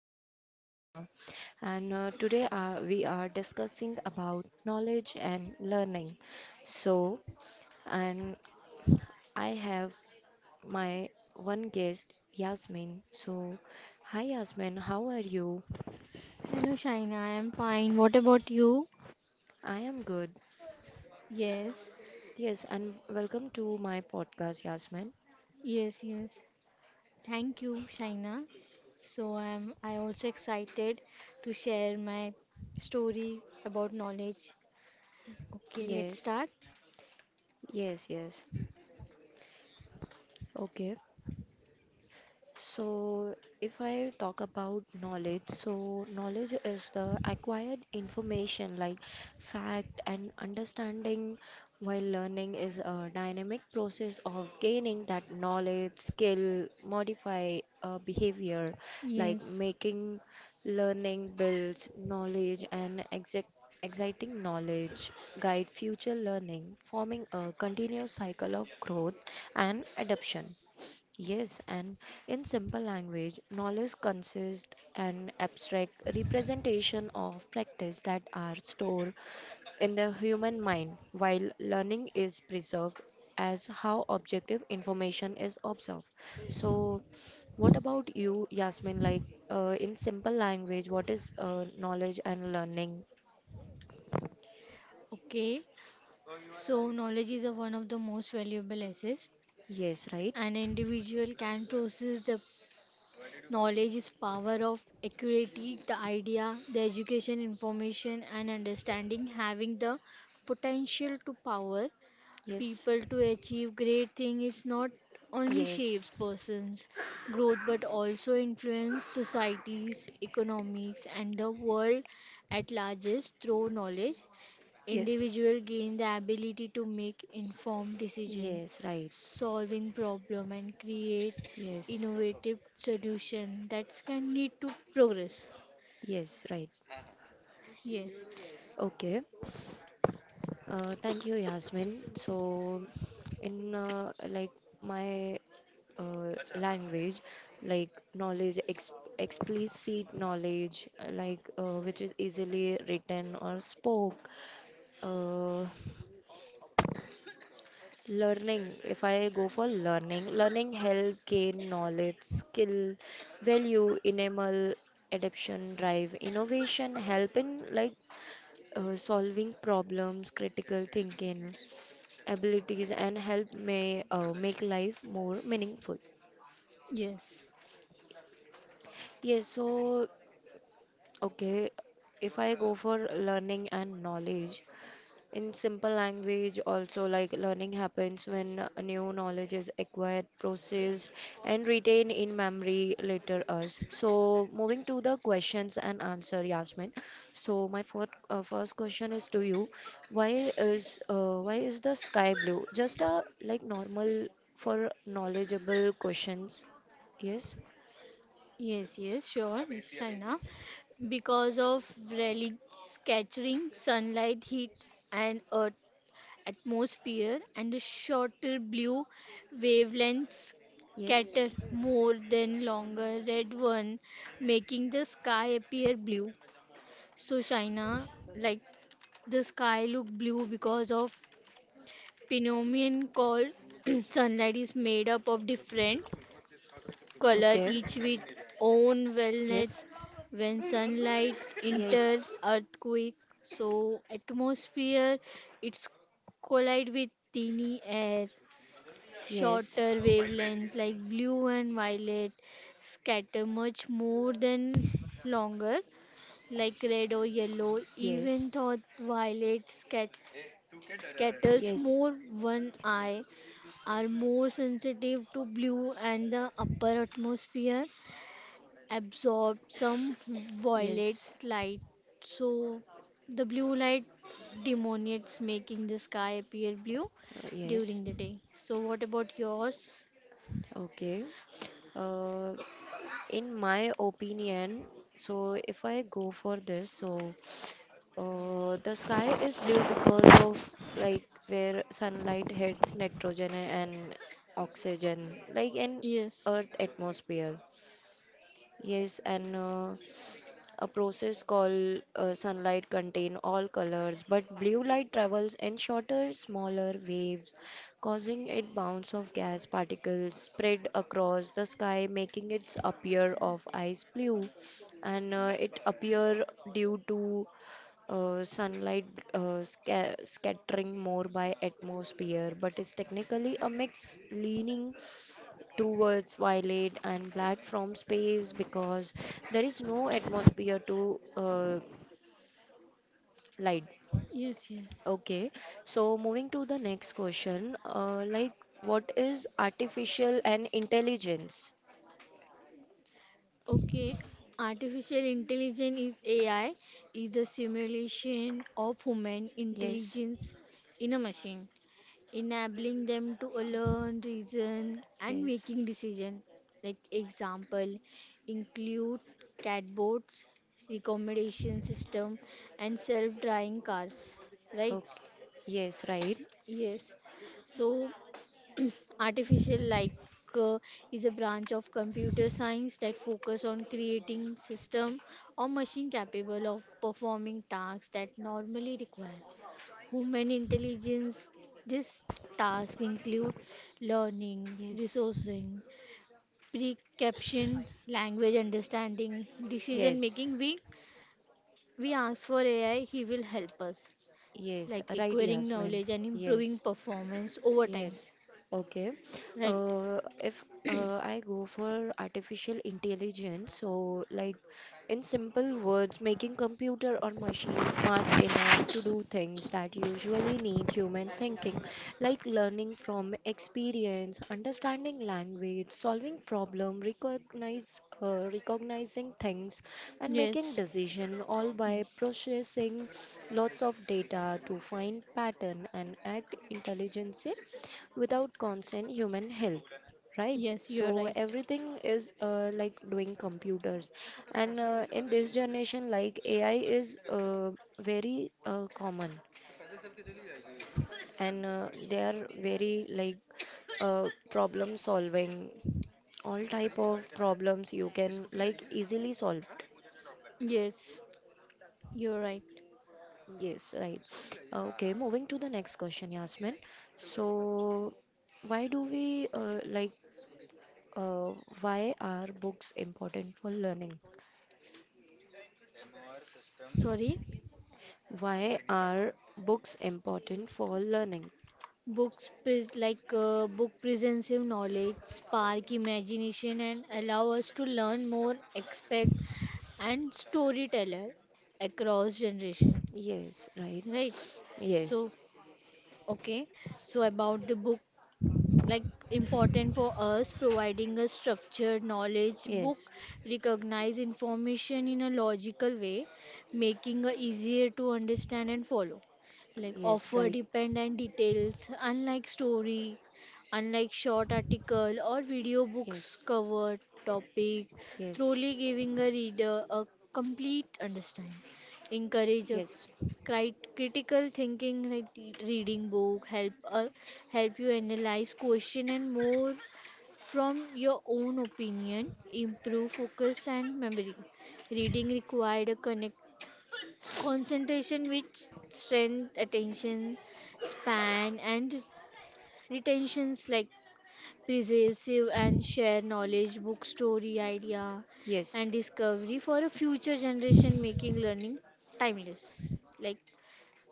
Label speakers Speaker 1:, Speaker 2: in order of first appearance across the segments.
Speaker 1: host, Shaina, and today we are discussing about knowledge and learning. So, and I have my one guest, Yasmin. So, hi, Yasmin, how are you?
Speaker 2: Hello, Shaina. I'm fine. What about you?
Speaker 1: I am good.
Speaker 2: Yes,
Speaker 1: Yes, and welcome to my podcast, Yasmin.
Speaker 2: yes, yes. Thank you, Shaina. So I also excited to share my story about knowledge. Okay, let's
Speaker 1: Yes,
Speaker 2: start.
Speaker 1: yes, yes. Okay. So, if I talk about knowledge, so knowledge is the acquired information like fact and understanding, while learning is a dynamic process of gaining that knowledge, skill, modify behavior, like
Speaker 2: Yes.
Speaker 1: making learning builds knowledge and exec exciting knowledge, guide future learning, forming a continuous cycle of growth and adoption. Yes, and in simple language, knowledge consists an abstract representation of practice that are stored in the human mind, while learning is preserved as how objective information is observed. So, what about you, Yasmin? Like, in simple language, what is knowledge and learning?
Speaker 2: Okay. So knowledge is a one of the most valuable assets.
Speaker 1: Yes, right?
Speaker 2: An individual can process the knowledge is power of accuracy, the idea, the education, information and understanding, having the potential to power
Speaker 1: Yes,
Speaker 2: people to achieve great things, is not only
Speaker 1: yes.
Speaker 2: shapes persons growth but also influence societies economics and the world at largest. Through knowledge
Speaker 1: Yes.
Speaker 2: individual gain the ability to make informed decision,
Speaker 1: Yes, right.
Speaker 2: solving problem and create
Speaker 1: Yes,
Speaker 2: innovative solution that can lead to progress.
Speaker 1: yes, right.
Speaker 2: Yes,
Speaker 1: Okay. Thank you, Yasmin. So, in like my language, like knowledge, ex explicit knowledge, like which is easily written or spoke. Uh, learning, if I go for learning, learning help gain knowledge, skill, value, enable adaptation, drive, innovation, help in like solving problems, critical thinking abilities and help may make life more meaningful.
Speaker 2: yes.
Speaker 1: Yes, so okay, if I go for learning and knowledge in simple language, also, like learning happens when new knowledge is acquired, processed, and retained in memory later us. So, moving to the questions and answer, Yasmin. So, my first question is to you. Why is the sky blue? Just a like normal for knowledgeable questions. Yes.
Speaker 2: Yes, yes, sure, Shaina. Because of relic scattering, sunlight, heat, and earth atmosphere, and the shorter blue wavelengths
Speaker 1: Yes,
Speaker 2: scatter more than longer red one, making the sky appear blue. So, Shaina, like the sky look blue because of phenomenon called sunlight is made up of different color
Speaker 1: okay.
Speaker 2: each with own wellness.
Speaker 1: yes,
Speaker 2: When sunlight enter
Speaker 1: yes,
Speaker 2: earthquake, so atmosphere, it's collide with tiny air.
Speaker 1: yes,
Speaker 2: Shorter
Speaker 1: yes,
Speaker 2: wavelength like blue and violet scatter much more than longer, like red or yellow.
Speaker 1: yes,
Speaker 2: Even though violet scatters
Speaker 1: yes,
Speaker 2: more, one eye are more sensitive to blue, and the upper atmosphere absorb some violet
Speaker 1: yes,
Speaker 2: light, so the blue light delineates, making the sky appear blue
Speaker 1: yes.
Speaker 2: during the day. So, what about yours?
Speaker 1: Okay. Uh, in my opinion, so if I go for this, so the sky is blue because of like where sunlight hits nitrogen and oxygen, like in
Speaker 2: Yes,
Speaker 1: Earth atmosphere. Yes, and a process called sunlight contain all colors but blue light travels in shorter smaller waves causing it bounce of gas particles spread across the sky making it appear of ice blue and it appear due to sunlight scattering more by atmosphere but is technically a mix leaning towards violet and black from space because there is no atmosphere to light.
Speaker 2: yes, yes.
Speaker 1: Okay, so moving to the next question, like what is artificial and intelligence?
Speaker 2: Okay, artificial intelligence is AI, is the simulation of human
Speaker 1: Yes,
Speaker 2: intelligence in a machine, enabling them to learn, reason, and
Speaker 1: yes,
Speaker 2: making decision. Like example, include catbots, recommendation system, and self-driving cars. Right?
Speaker 1: okay, yes, right,
Speaker 2: Yes. So, artificial like, uh, is a branch of computer science that focus on creating system or machine capable of performing tasks that normally require human intelligence. This task include learning,
Speaker 1: yes,
Speaker 2: resourcing, preception, language understanding, decision
Speaker 1: yes,
Speaker 2: making. We ask for AI, he will help us,
Speaker 1: yes,
Speaker 2: like
Speaker 1: right,
Speaker 2: acquiring
Speaker 1: Yasmin,
Speaker 2: knowledge and improving
Speaker 1: yes.
Speaker 2: performance over time.
Speaker 1: Yes. Okay.
Speaker 2: Right?
Speaker 1: If I go for artificial intelligence, so like in simple words, making computer or machine smart enough to do things that usually need human thinking, like learning from experience, understanding language, solving problem, recognize recognizing things, and making
Speaker 2: Yes.
Speaker 1: decision all by
Speaker 2: Yes.
Speaker 1: processing lots of data to find pattern and act intelligently without constant human help, right?
Speaker 2: Yes,
Speaker 1: So
Speaker 2: you're right.
Speaker 1: everything is like doing computers and in this generation like AI is very common and they are very like problem solving. All type of problems you can like easily solve.
Speaker 2: Yes, you're right.
Speaker 1: Yes, right. Okay, moving to the next question, Yasmin. So why do we like Uh, why are books important for learning?
Speaker 2: Sorry?
Speaker 1: Why are books important for learning?
Speaker 2: Books pres Like, book presents you knowledge, spark imagination, and allow us to learn more, expect, and storyteller across generation.
Speaker 1: Yes, right.
Speaker 2: Right?
Speaker 1: Yes,
Speaker 2: So, okay. So about the book, like important for us providing a structured knowledge,
Speaker 1: yes,
Speaker 2: book recognize information in a logical way, making it easier to understand and follow, like
Speaker 1: yes,
Speaker 2: offer
Speaker 1: right.
Speaker 2: dependent details unlike story. Unlike short article or video, books
Speaker 1: Yes,
Speaker 2: cover topic
Speaker 1: yes,
Speaker 2: thoroughly, giving a reader a complete understanding, encourage a
Speaker 1: yes,
Speaker 2: Critical thinking. Like reading book, help you analyze question and more from your own opinion, improve focus and memory. Reading required a connect concentration which strength attention span and retentions, like preserve and share knowledge, book story idea
Speaker 1: yes,
Speaker 2: and discovery for a future generation, making learning timeless. Like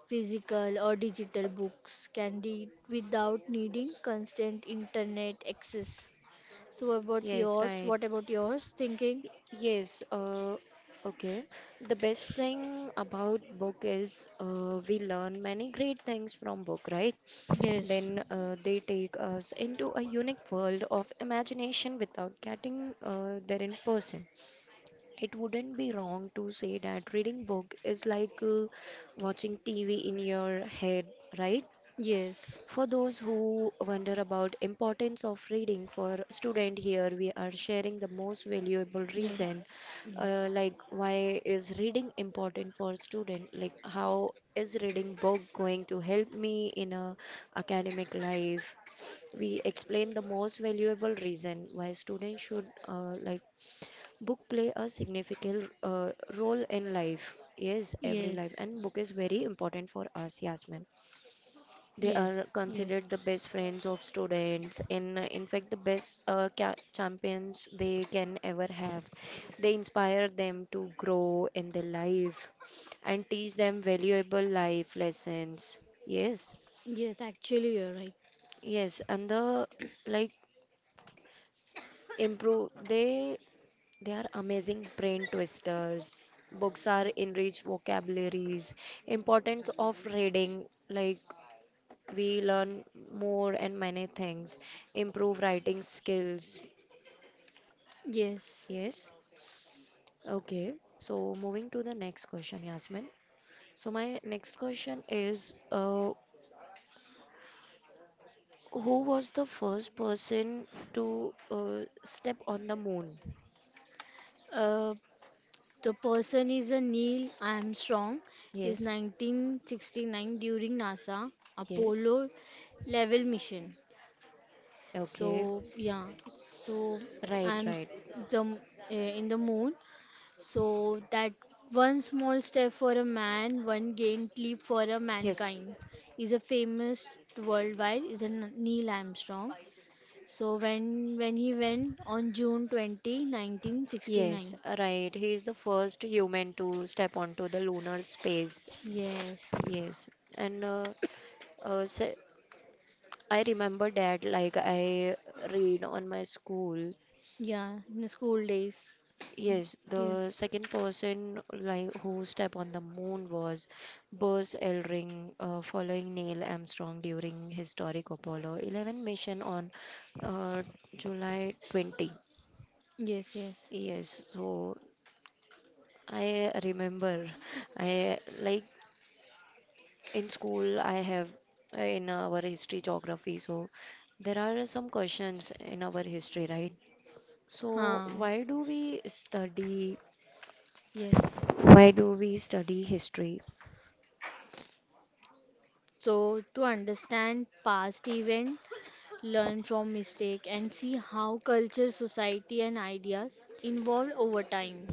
Speaker 2: physical or digital books can read without needing constant internet access. So about
Speaker 1: yes,
Speaker 2: yours,
Speaker 1: right.
Speaker 2: what about yours thinking?
Speaker 1: Yes. okay. The best thing about book is we learn many great things from book, right?
Speaker 2: Yes,
Speaker 1: Then they take us into a unique world of imagination without getting there in person. It wouldn't be wrong to say that reading book is like watching TV in your head, right?
Speaker 2: yes,
Speaker 1: For those who wonder about importance of reading for student, here we are sharing the most valuable
Speaker 2: yes,
Speaker 1: reason,
Speaker 2: yes,
Speaker 1: like why is reading important for student, like how is reading book going to help me in a academic life. We explain the most valuable reason why students should like book play a significant role in life. Yes, every
Speaker 2: yes,
Speaker 1: life and book is very important for us, Yasmin. They
Speaker 2: yes,
Speaker 1: are
Speaker 2: yes,
Speaker 1: considered the best friends of students and, in fact, the best champions they can ever have. They inspire them to grow in their life and teach them valuable life lessons. Yes,
Speaker 2: yes. Actually, you're right.
Speaker 1: yes, and the like improve they are amazing brain twisters. Books are enriched vocabularies, importance of reading, like we learn more and many things, improve writing skills.
Speaker 2: Yes.
Speaker 1: Yes. Okay. So moving to the next question, Yasmin. So my next question is, who was the first person to step on the moon?
Speaker 2: Uh, the person is a Neil Armstrong, is
Speaker 1: Yes.
Speaker 2: 1969 during NASA
Speaker 1: Yes.
Speaker 2: Apollo level mission.
Speaker 1: Okay.
Speaker 2: So yeah, so
Speaker 1: Right,
Speaker 2: I'm s-
Speaker 1: right.
Speaker 2: the m- eh, in the moon. So that one small step for a man, one giant leap for a
Speaker 1: Yes.
Speaker 2: mankind is a famous worldwide. Is a Neil Armstrong. So when he went on June 20,
Speaker 1: Yes,
Speaker 2: 1969.
Speaker 1: right. He is the first human to step onto the lunar space.
Speaker 2: Yes.
Speaker 1: Yes. And se I remember that, like I read on my school.
Speaker 2: Yeah, in the school days.
Speaker 1: Yes, the
Speaker 2: Yes.
Speaker 1: second person like who stepped on the moon was Buzz Aldrin, following Neil Armstrong during historic Apollo 11 mission on uh, July 20.
Speaker 2: Yes, yes.
Speaker 1: Yes, so I remember. I like in school I have in our history geography, so there are some questions in our history, right? So,
Speaker 2: Huh.
Speaker 1: why do we study?
Speaker 2: Yes.
Speaker 1: Why do we study history?
Speaker 2: So to understand past event, learn from mistake, and see how culture society and ideas evolve over time.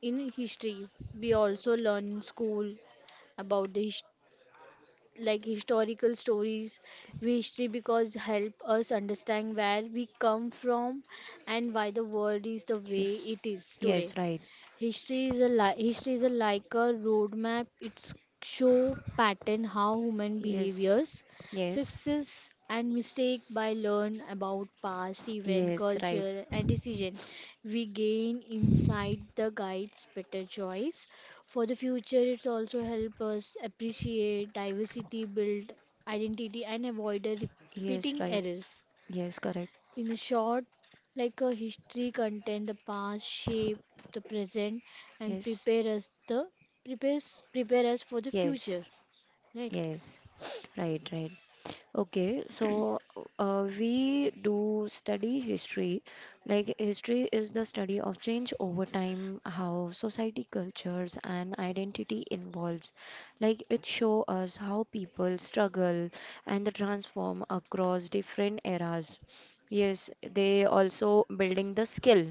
Speaker 2: In history we also learn in school about the like historical stories. We history because help us understand where we come from and why the world is the way
Speaker 1: Yes,
Speaker 2: it is today.
Speaker 1: yes, right.
Speaker 2: History is a like a roadmap. It's show pattern how human
Speaker 1: Yes,
Speaker 2: behaviors,
Speaker 1: yes,
Speaker 2: success and mistake. By learn about past event,
Speaker 1: yes, right.
Speaker 2: culture and decision, we gain insight the guides better choice. For the future, it's also help us appreciate diversity, build identity and avoid the
Speaker 1: Yes,
Speaker 2: repeating
Speaker 1: right.
Speaker 2: errors.
Speaker 1: Yes, correct.
Speaker 2: In short, like a history content, the past shape the present and
Speaker 1: Yes,
Speaker 2: prepare us for the
Speaker 1: yes,
Speaker 2: future. Right?
Speaker 1: yes. Right, right. Okay, so we do study history. Like, history is the study of change over time, how society, cultures, and identity involves. Like, it show us how people struggle and the transform across different eras. Yes, they also building the skill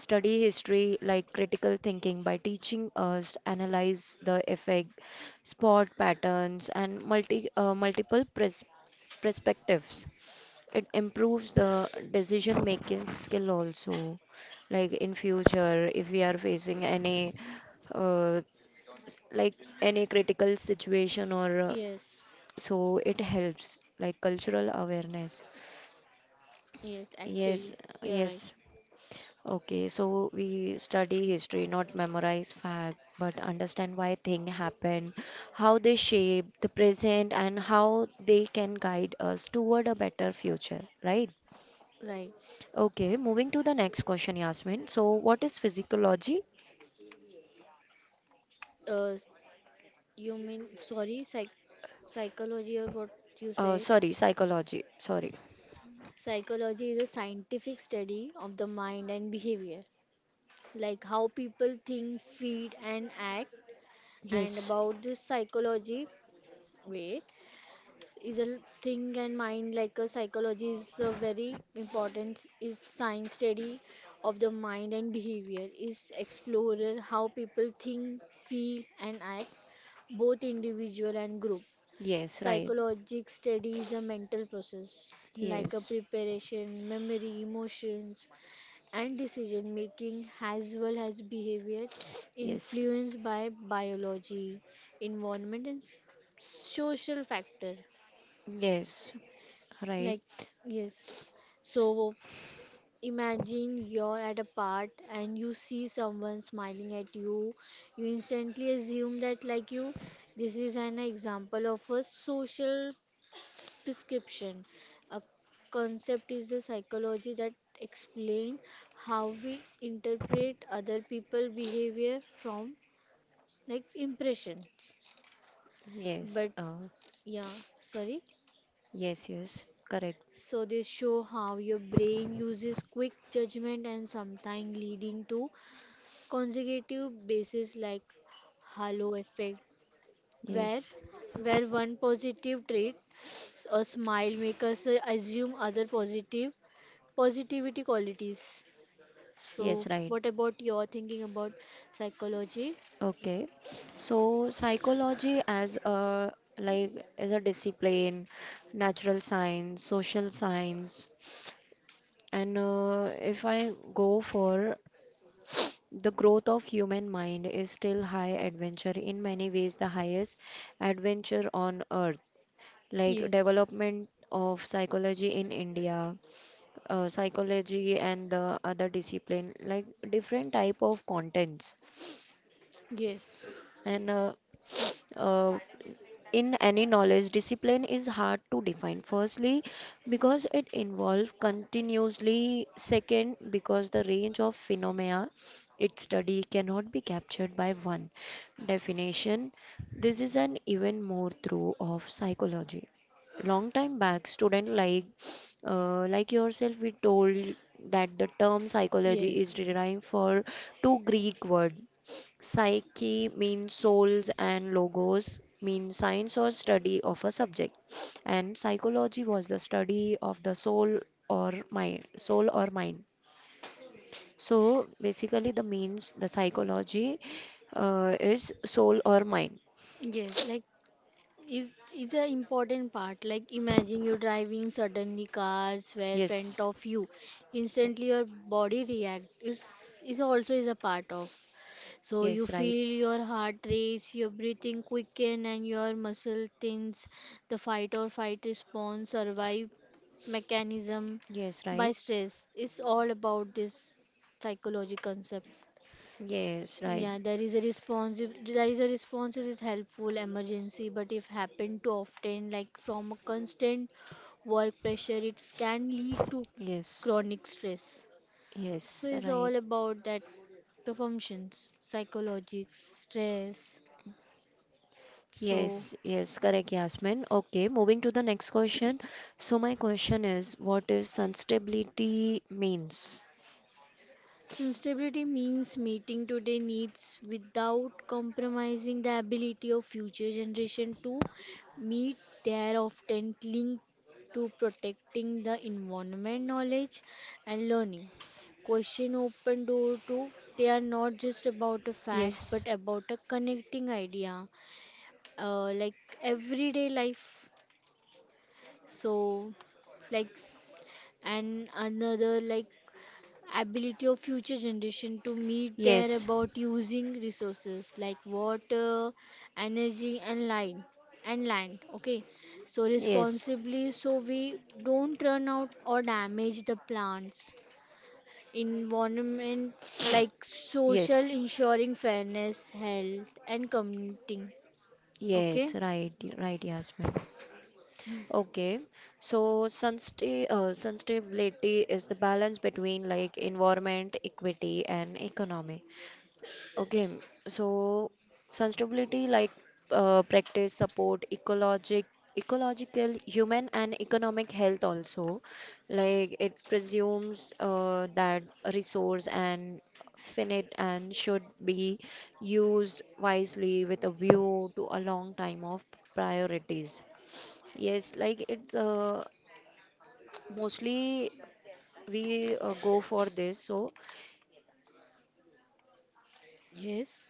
Speaker 1: study history like critical thinking by teaching us to analyze the effect, spot patterns and multiple pres perspectives. It improves the decision making skill also. Like in future, if we are facing any uh, like any critical situation or
Speaker 2: Yes,
Speaker 1: so, it helps like cultural awareness.
Speaker 2: yes,
Speaker 1: Yes,
Speaker 2: actually, you're right.
Speaker 1: yes. Okay, so we study history, not memorize fact, but understand why thing happen, how they shape the present, and how they can guide us toward a better future, right?
Speaker 2: Right.
Speaker 1: Okay, moving to the next question, Yasmin. So, what is physiology?
Speaker 2: Uh, you mean sorry, psychology, or what you said?
Speaker 1: Sorry, psychology. Sorry.
Speaker 2: Psychology is a scientific study of the mind and behavior, like how people think, feel, and act, and
Speaker 1: Yes.
Speaker 2: about this psychology. Wait, is a thing and mind, like a psychology, is a very important. Is science study of the mind and behavior, is explorer how people think feel and act, both individual and group.
Speaker 1: Yes, right.
Speaker 2: Psychologic study is a mental process like a
Speaker 1: Yes.
Speaker 2: preparation, memory, emotions and decision making, as well as behavior
Speaker 1: Yes.
Speaker 2: influenced by biology, environment and social factor,
Speaker 1: Yes. Right.
Speaker 2: like, yes. So imagine you're at a part and you see someone smiling at you. You instantly assume that, like you, this is an example of a social prescription. A concept is a psychology that explain how we interpret other people behavior from like impressions.
Speaker 1: Yes.
Speaker 2: But yeah, sorry.
Speaker 1: Yes, yes. Correct.
Speaker 2: So they show how your brain uses quick judgment and sometimes leading to consecutive bases like halo effect, where
Speaker 1: Yes.
Speaker 2: where one positive trait, a smile, make us assume other positive positivity qualities. So
Speaker 1: Yes, right.
Speaker 2: what about your thinking about psychology?
Speaker 1: Okay. So, psychology as a like as a discipline, natural science, social science, and if I go for the growth of human mind is still high adventure in many ways, the highest adventure on earth, like
Speaker 2: Yes.
Speaker 1: development of psychology in India, psychology and the other discipline like different type of contents
Speaker 2: Yes.
Speaker 1: and uh, in any knowledge discipline is hard to define firstly because it involves continuously, second because the range of phenomena it study cannot be captured by one definition. This is an even more true of psychology. Long time back student like yourself we told that the term psychology
Speaker 2: Yes.
Speaker 1: is derived for two greek word. Psyche means souls and logos means science or study of a subject. And psychology was the study of the soul or mind, soul or mind. So basically the means the psychology is soul or mind.
Speaker 2: Yes. Like is is an important part. Like imagine you're driving, suddenly cars were in front
Speaker 1: Yes.
Speaker 2: of you,
Speaker 1: Ye-
Speaker 2: instantly your body react. Is is also is a part of, so you
Speaker 1: Yes, right.
Speaker 2: feel your heart race, your breathing quicken and your muscle tense. The fight or fight response survive mechanism
Speaker 1: Yes,
Speaker 2: by
Speaker 1: right.
Speaker 2: stress is all about this psychology concept.
Speaker 1: Yes, right.
Speaker 2: Yeah, there is a response. There is a response, is helpful emergency, but if happen too often, like from a constant work pressure, it can lead to
Speaker 1: Yes.
Speaker 2: chronic stress. So
Speaker 1: Yes,
Speaker 2: it's
Speaker 1: right.
Speaker 2: all about that, the functions, psychologic stress. So
Speaker 1: Yes, yes, correct, Yasmin. Okay, moving to the next question. So my question is, what is sustainability means?
Speaker 2: sustainability means meeting today needs without compromising the ability of future generation to meet their, often linked to protecting the environment, knowledge and learning. Question open door to, they are not just about a fact but
Speaker 1: Yes,
Speaker 2: about a connecting idea, like everyday life. So, like, and another, like ability of future generation to meet their,
Speaker 1: yes,
Speaker 2: about using resources like water, energy and land okay, so
Speaker 1: yes,
Speaker 2: responsibly, so we don't run out or damage the plants environment, like social
Speaker 1: yes,
Speaker 2: ensuring fairness, health and community.
Speaker 1: yes,
Speaker 2: Okay.
Speaker 1: right, right, Yasmin. Okay, so sustainability is the balance between like environment, equity, and economy. Okay. So sustainability like practice support ecological human and economic health also, like it presumes that a resource and finite and should be used wisely with a view to a long time of priorities. Yes, like it's mostly we go for this. So
Speaker 2: Yes.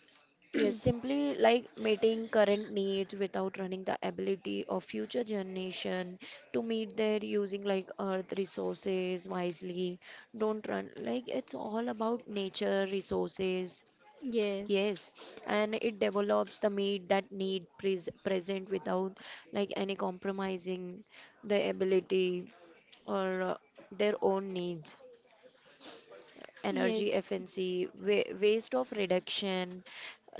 Speaker 1: yes, simply like meeting current needs without running the ability of future generation to meet their using like earth resources wisely. Don't run like it's all about nature resources. Yes,
Speaker 2: Yes,
Speaker 1: and it develops the meat that need present without like any compromising the ability or their own needs,
Speaker 2: yes.
Speaker 1: energy efficiency, wa waste of reduction,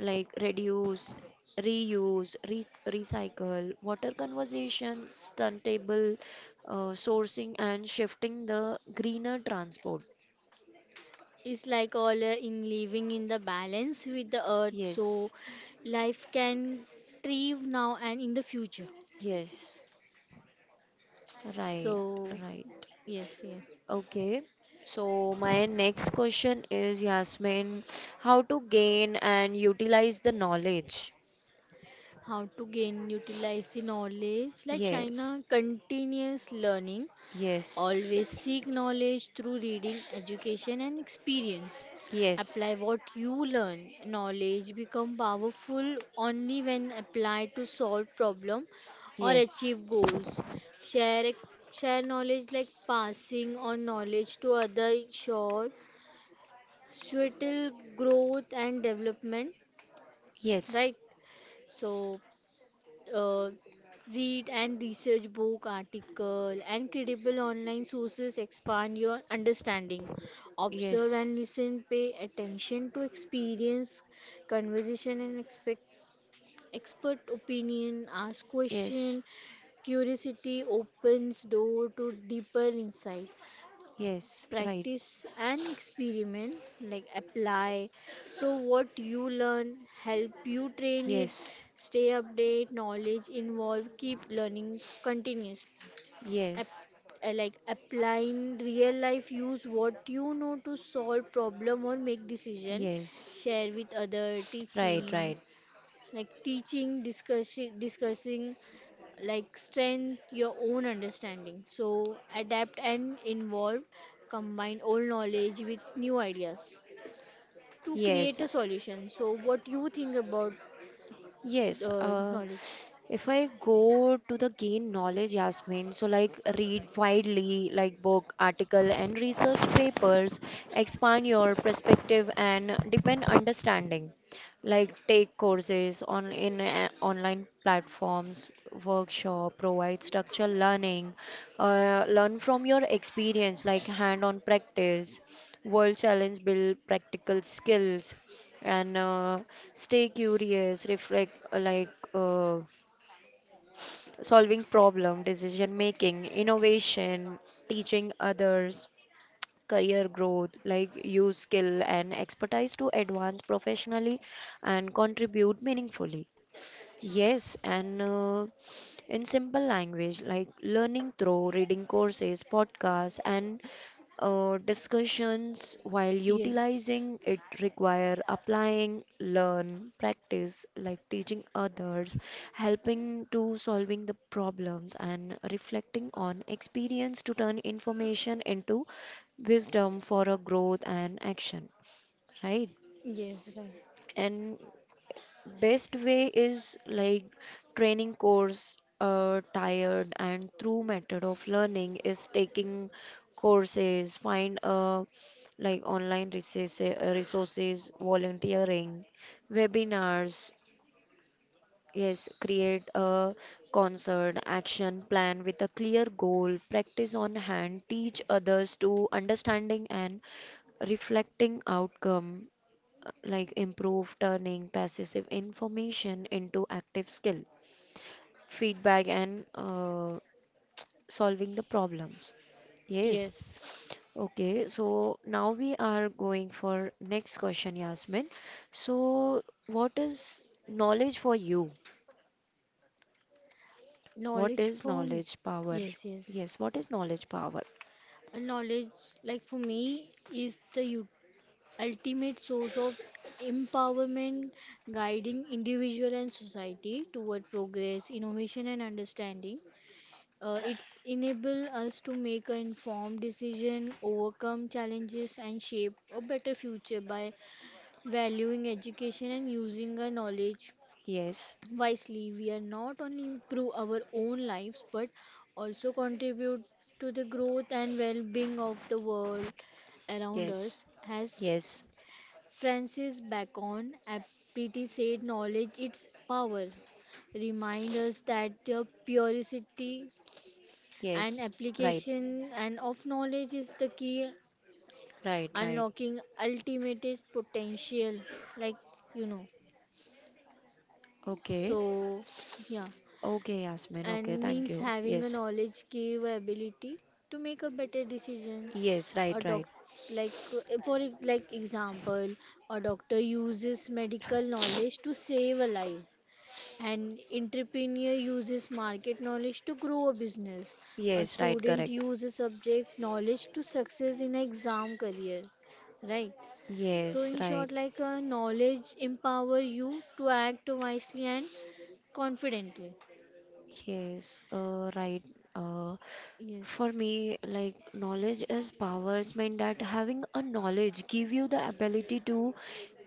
Speaker 1: like reduce, reuse, re recycle, water conservation, stuntable sourcing, and shifting the greener transport.
Speaker 2: It's like all, in living in the balance with the earth, so
Speaker 1: Yes,
Speaker 2: life can thrive now and in the future.
Speaker 1: yes, right,
Speaker 2: So,
Speaker 1: right.
Speaker 2: yes, yes.
Speaker 1: Okay. So my next question is, Yasmin, how to gain and utilize the knowledge?
Speaker 2: How to gain utilize the knowledge, like
Speaker 1: Yes,
Speaker 2: China, continuous learning.
Speaker 1: yes,
Speaker 2: Always seek knowledge through reading, education, and experience.
Speaker 1: yes,
Speaker 2: Apply what you learn. Knowledge become powerful only when applied to solve problem or
Speaker 1: yes,
Speaker 2: achieve goals. Share e, share knowledge, like passing on knowledge to other, ensure subtle growth and development.
Speaker 1: yes,
Speaker 2: Right. So, uh, read and research book, article and credible online sources, expand your understanding. Observe
Speaker 1: yes,
Speaker 2: and listen, pay attention to experience, conversation and expect expert opinion. Ask
Speaker 1: yes,
Speaker 2: question, curiosity opens door to deeper insight.
Speaker 1: yes, right.
Speaker 2: Practice and experiment, like apply so what you learn, help you train it.
Speaker 1: Yes,
Speaker 2: Stay update knowledge involved, keep learning continuously. App,
Speaker 1: yes,
Speaker 2: like applying real life, use what you know to solve problem or make decision.
Speaker 1: yes.
Speaker 2: Share with other
Speaker 1: Right,
Speaker 2: teaching,
Speaker 1: right.
Speaker 2: like teaching, discussing, like strength your own understanding, so adapt and involve, combine old knowledge with new ideas to create
Speaker 1: Yes,
Speaker 2: a solution. So what you think about
Speaker 1: yes,
Speaker 2: the knowledge?
Speaker 1: if I go to the gain knowledge, Yasmin, so like read widely, like book, article, and research papers, expand your perspective and deepen understanding. Like take courses on in online platforms, workshop, provide structured learning, learn from your experience, like hand-on practice, world challenge, build practical skills, and stay curious, reflect like uh, solving problem, decision making, innovation, teaching others, career growth, like use skill and expertise to advance professionally and contribute meaningfully. Yes, and in simple language, like learning through reading courses, podcasts, and discussions while
Speaker 2: Yes,
Speaker 1: utilizing it require applying, learn, practice, like teaching others, helping to solving the problems, and reflecting on experience to turn information into wisdom for a growth and action, right?
Speaker 2: yes, right.
Speaker 1: And best way is like training course, tired and true method of learning is taking courses, find like online resources, volunteering, webinars. Yes, create a concert action plan with a clear goal, practice on hand, teach others to understanding and reflecting outcome like improve turning passive information into active skill, feedback, and solving the problems. Yes.
Speaker 2: Yes.
Speaker 1: Okay, so now we are going for next question, Yasmin. So, what is knowledge for you? What
Speaker 2: knowledge
Speaker 1: is
Speaker 2: for m-
Speaker 1: knowledge power?
Speaker 2: yes, yes.
Speaker 1: Yes, what is knowledge power?
Speaker 2: A knowledge, like for me, is the ultimate source of empowerment, guiding individual and society toward progress, innovation, and understanding. It's enable us to make an informed decision, overcome challenges, and shape a better future. By valuing education and using our knowledge
Speaker 1: Yes,
Speaker 2: wisely, we are not only improve our own lives but also contribute to the growth and well-being of the world around
Speaker 1: yes,
Speaker 2: us. As
Speaker 1: yes,
Speaker 2: Francis Bacon aptly said, knowledge its power, remind us that the purity and
Speaker 1: yes. Right,
Speaker 2: application and of knowledge is the key
Speaker 1: right, right.
Speaker 2: unlocking ultimate potential, like you know
Speaker 1: Okay,
Speaker 2: so yeah.
Speaker 1: okay, Yasmin. Okay,
Speaker 2: And
Speaker 1: thank
Speaker 2: means
Speaker 1: you.
Speaker 2: having a
Speaker 1: Yes.
Speaker 2: knowledge give ability to make a better decision.
Speaker 1: Yes,
Speaker 2: A
Speaker 1: right, right.
Speaker 2: doc like for e- Like example, a doctor uses medical knowledge to save a life. An entrepreneur uses market knowledge to grow a business. A
Speaker 1: Yes, right,
Speaker 2: student
Speaker 1: correct.
Speaker 2: uses subject knowledge to success in an exam career. Right. So
Speaker 1: Yes,
Speaker 2: in
Speaker 1: right.
Speaker 2: short, like, knowledge empower you to act wisely and confidently.
Speaker 1: Yes, right. Uh, for
Speaker 2: Yes.
Speaker 1: me, like knowledge is powers mean that having a knowledge give you the ability to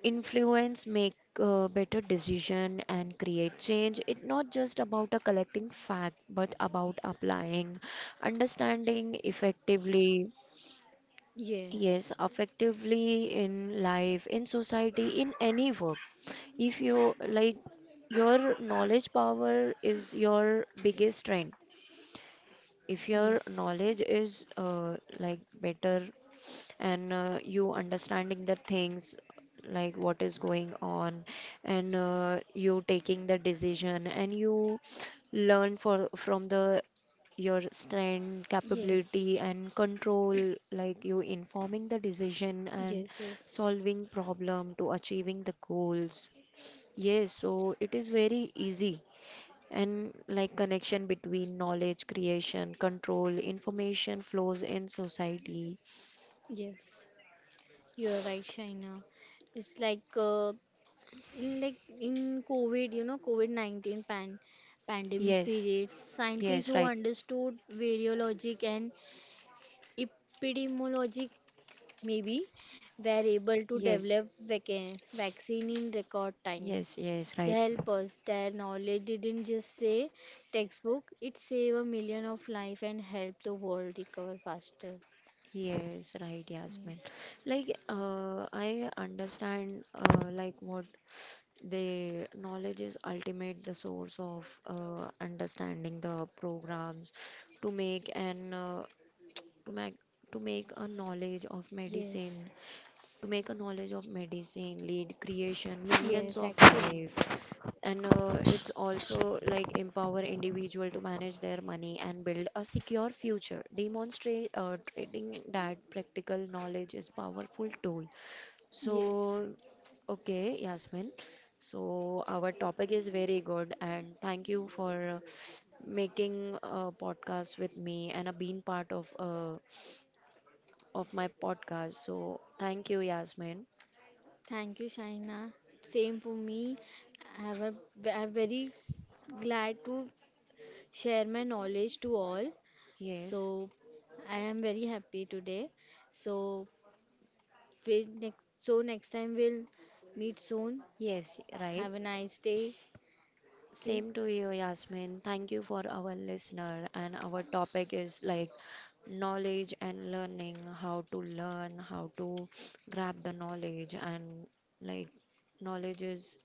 Speaker 1: influence, make better decision, and create change. It's not just about a collecting fact, but about applying, understanding effectively.
Speaker 2: Yes.
Speaker 1: Yes, effectively in life, in society, in any work. If you like, your knowledge power is your biggest strength. If your
Speaker 2: Yes.
Speaker 1: knowledge is like better and you understanding the things like what is going on and you taking the decision and you learn for from the your strength,
Speaker 2: Yes.
Speaker 1: capability, and control, like you informing the decision and
Speaker 2: Yes. Yes.
Speaker 1: solving problem to achieving the goals. Yes, so it is very easy and like connection between knowledge creation, control, information flows in society.
Speaker 2: Yes. You're right, Shaina. It's like, in like in covid, COVID-19 pandemic
Speaker 1: Yes,
Speaker 2: periods, scientists
Speaker 1: yes,
Speaker 2: who
Speaker 1: right.
Speaker 2: understood virologic and epidemiologic maybe were able to
Speaker 1: Yes,
Speaker 2: develop vaccine in record time.
Speaker 1: yes, yes,
Speaker 2: They
Speaker 1: right.
Speaker 2: help us, their knowledge didn't just say textbook, it saved a million of life and helped the world recover faster.
Speaker 1: Yes, right, Yasmin.
Speaker 2: Yes,
Speaker 1: Like, I understand, like what the knowledge is ultimate the source of understanding the programs to make an to make to make a knowledge of
Speaker 2: yes,
Speaker 1: medicine to make a knowledge of medicine lead creation millions
Speaker 2: yes,
Speaker 1: of
Speaker 2: actually,
Speaker 1: life and it's also like empower individual to manage their money and build a secure future demonstrate trading that practical knowledge is powerful tool.
Speaker 2: yes.
Speaker 1: So okay, Yasmin, so our topic is very good and thank you for making a podcast with me and being part of my podcast. So thank you, Yasmin.
Speaker 2: Thank you, Shaina. Same for me. I have a, I'm very glad to share my knowledge to all.
Speaker 1: Yes,
Speaker 2: So I am very happy today. So we next so next time we'll meet soon.
Speaker 1: yes, right.
Speaker 2: Have a nice day. Okay.
Speaker 1: Same to you, Yasmin. Thank you for our listener. And our topic is like knowledge and learning, how to learn, how to grab the knowledge. And like, knowledge is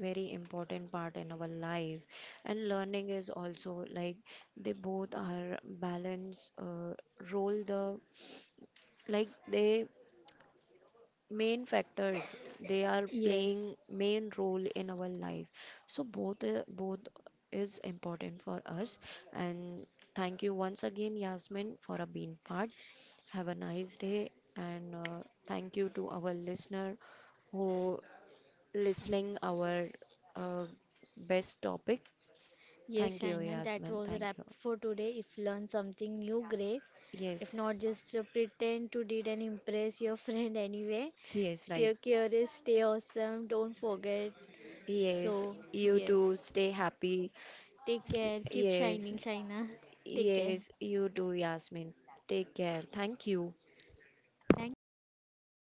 Speaker 1: very important part in our life and learning is also like they both are balance role the like they main factors they are playing
Speaker 2: Yes.
Speaker 1: main role in our life. So both is important for us. And thank you once again, Yasmin, for a being part. Have a nice day. And thank you to our listener who listening our uh, best topic. Thank
Speaker 2: Yes,
Speaker 1: you,
Speaker 2: Shaina. That
Speaker 1: Yasmin.
Speaker 2: was a wrap
Speaker 1: Thank you.
Speaker 2: for today. If you learn something new, great. If
Speaker 1: Yes.
Speaker 2: not, just pretend to did and impress your friend anyway.
Speaker 1: He is right.
Speaker 2: Stay curious, stay awesome. Don't forget.
Speaker 1: Yes,
Speaker 2: So,
Speaker 1: you too
Speaker 2: yes,
Speaker 1: stay happy.
Speaker 2: take care, keep
Speaker 1: Yes.
Speaker 2: shining, Shaina. Take care.
Speaker 1: Yes, you do, Yasmin. Take care. Thank you.
Speaker 2: Thank you, Shaina.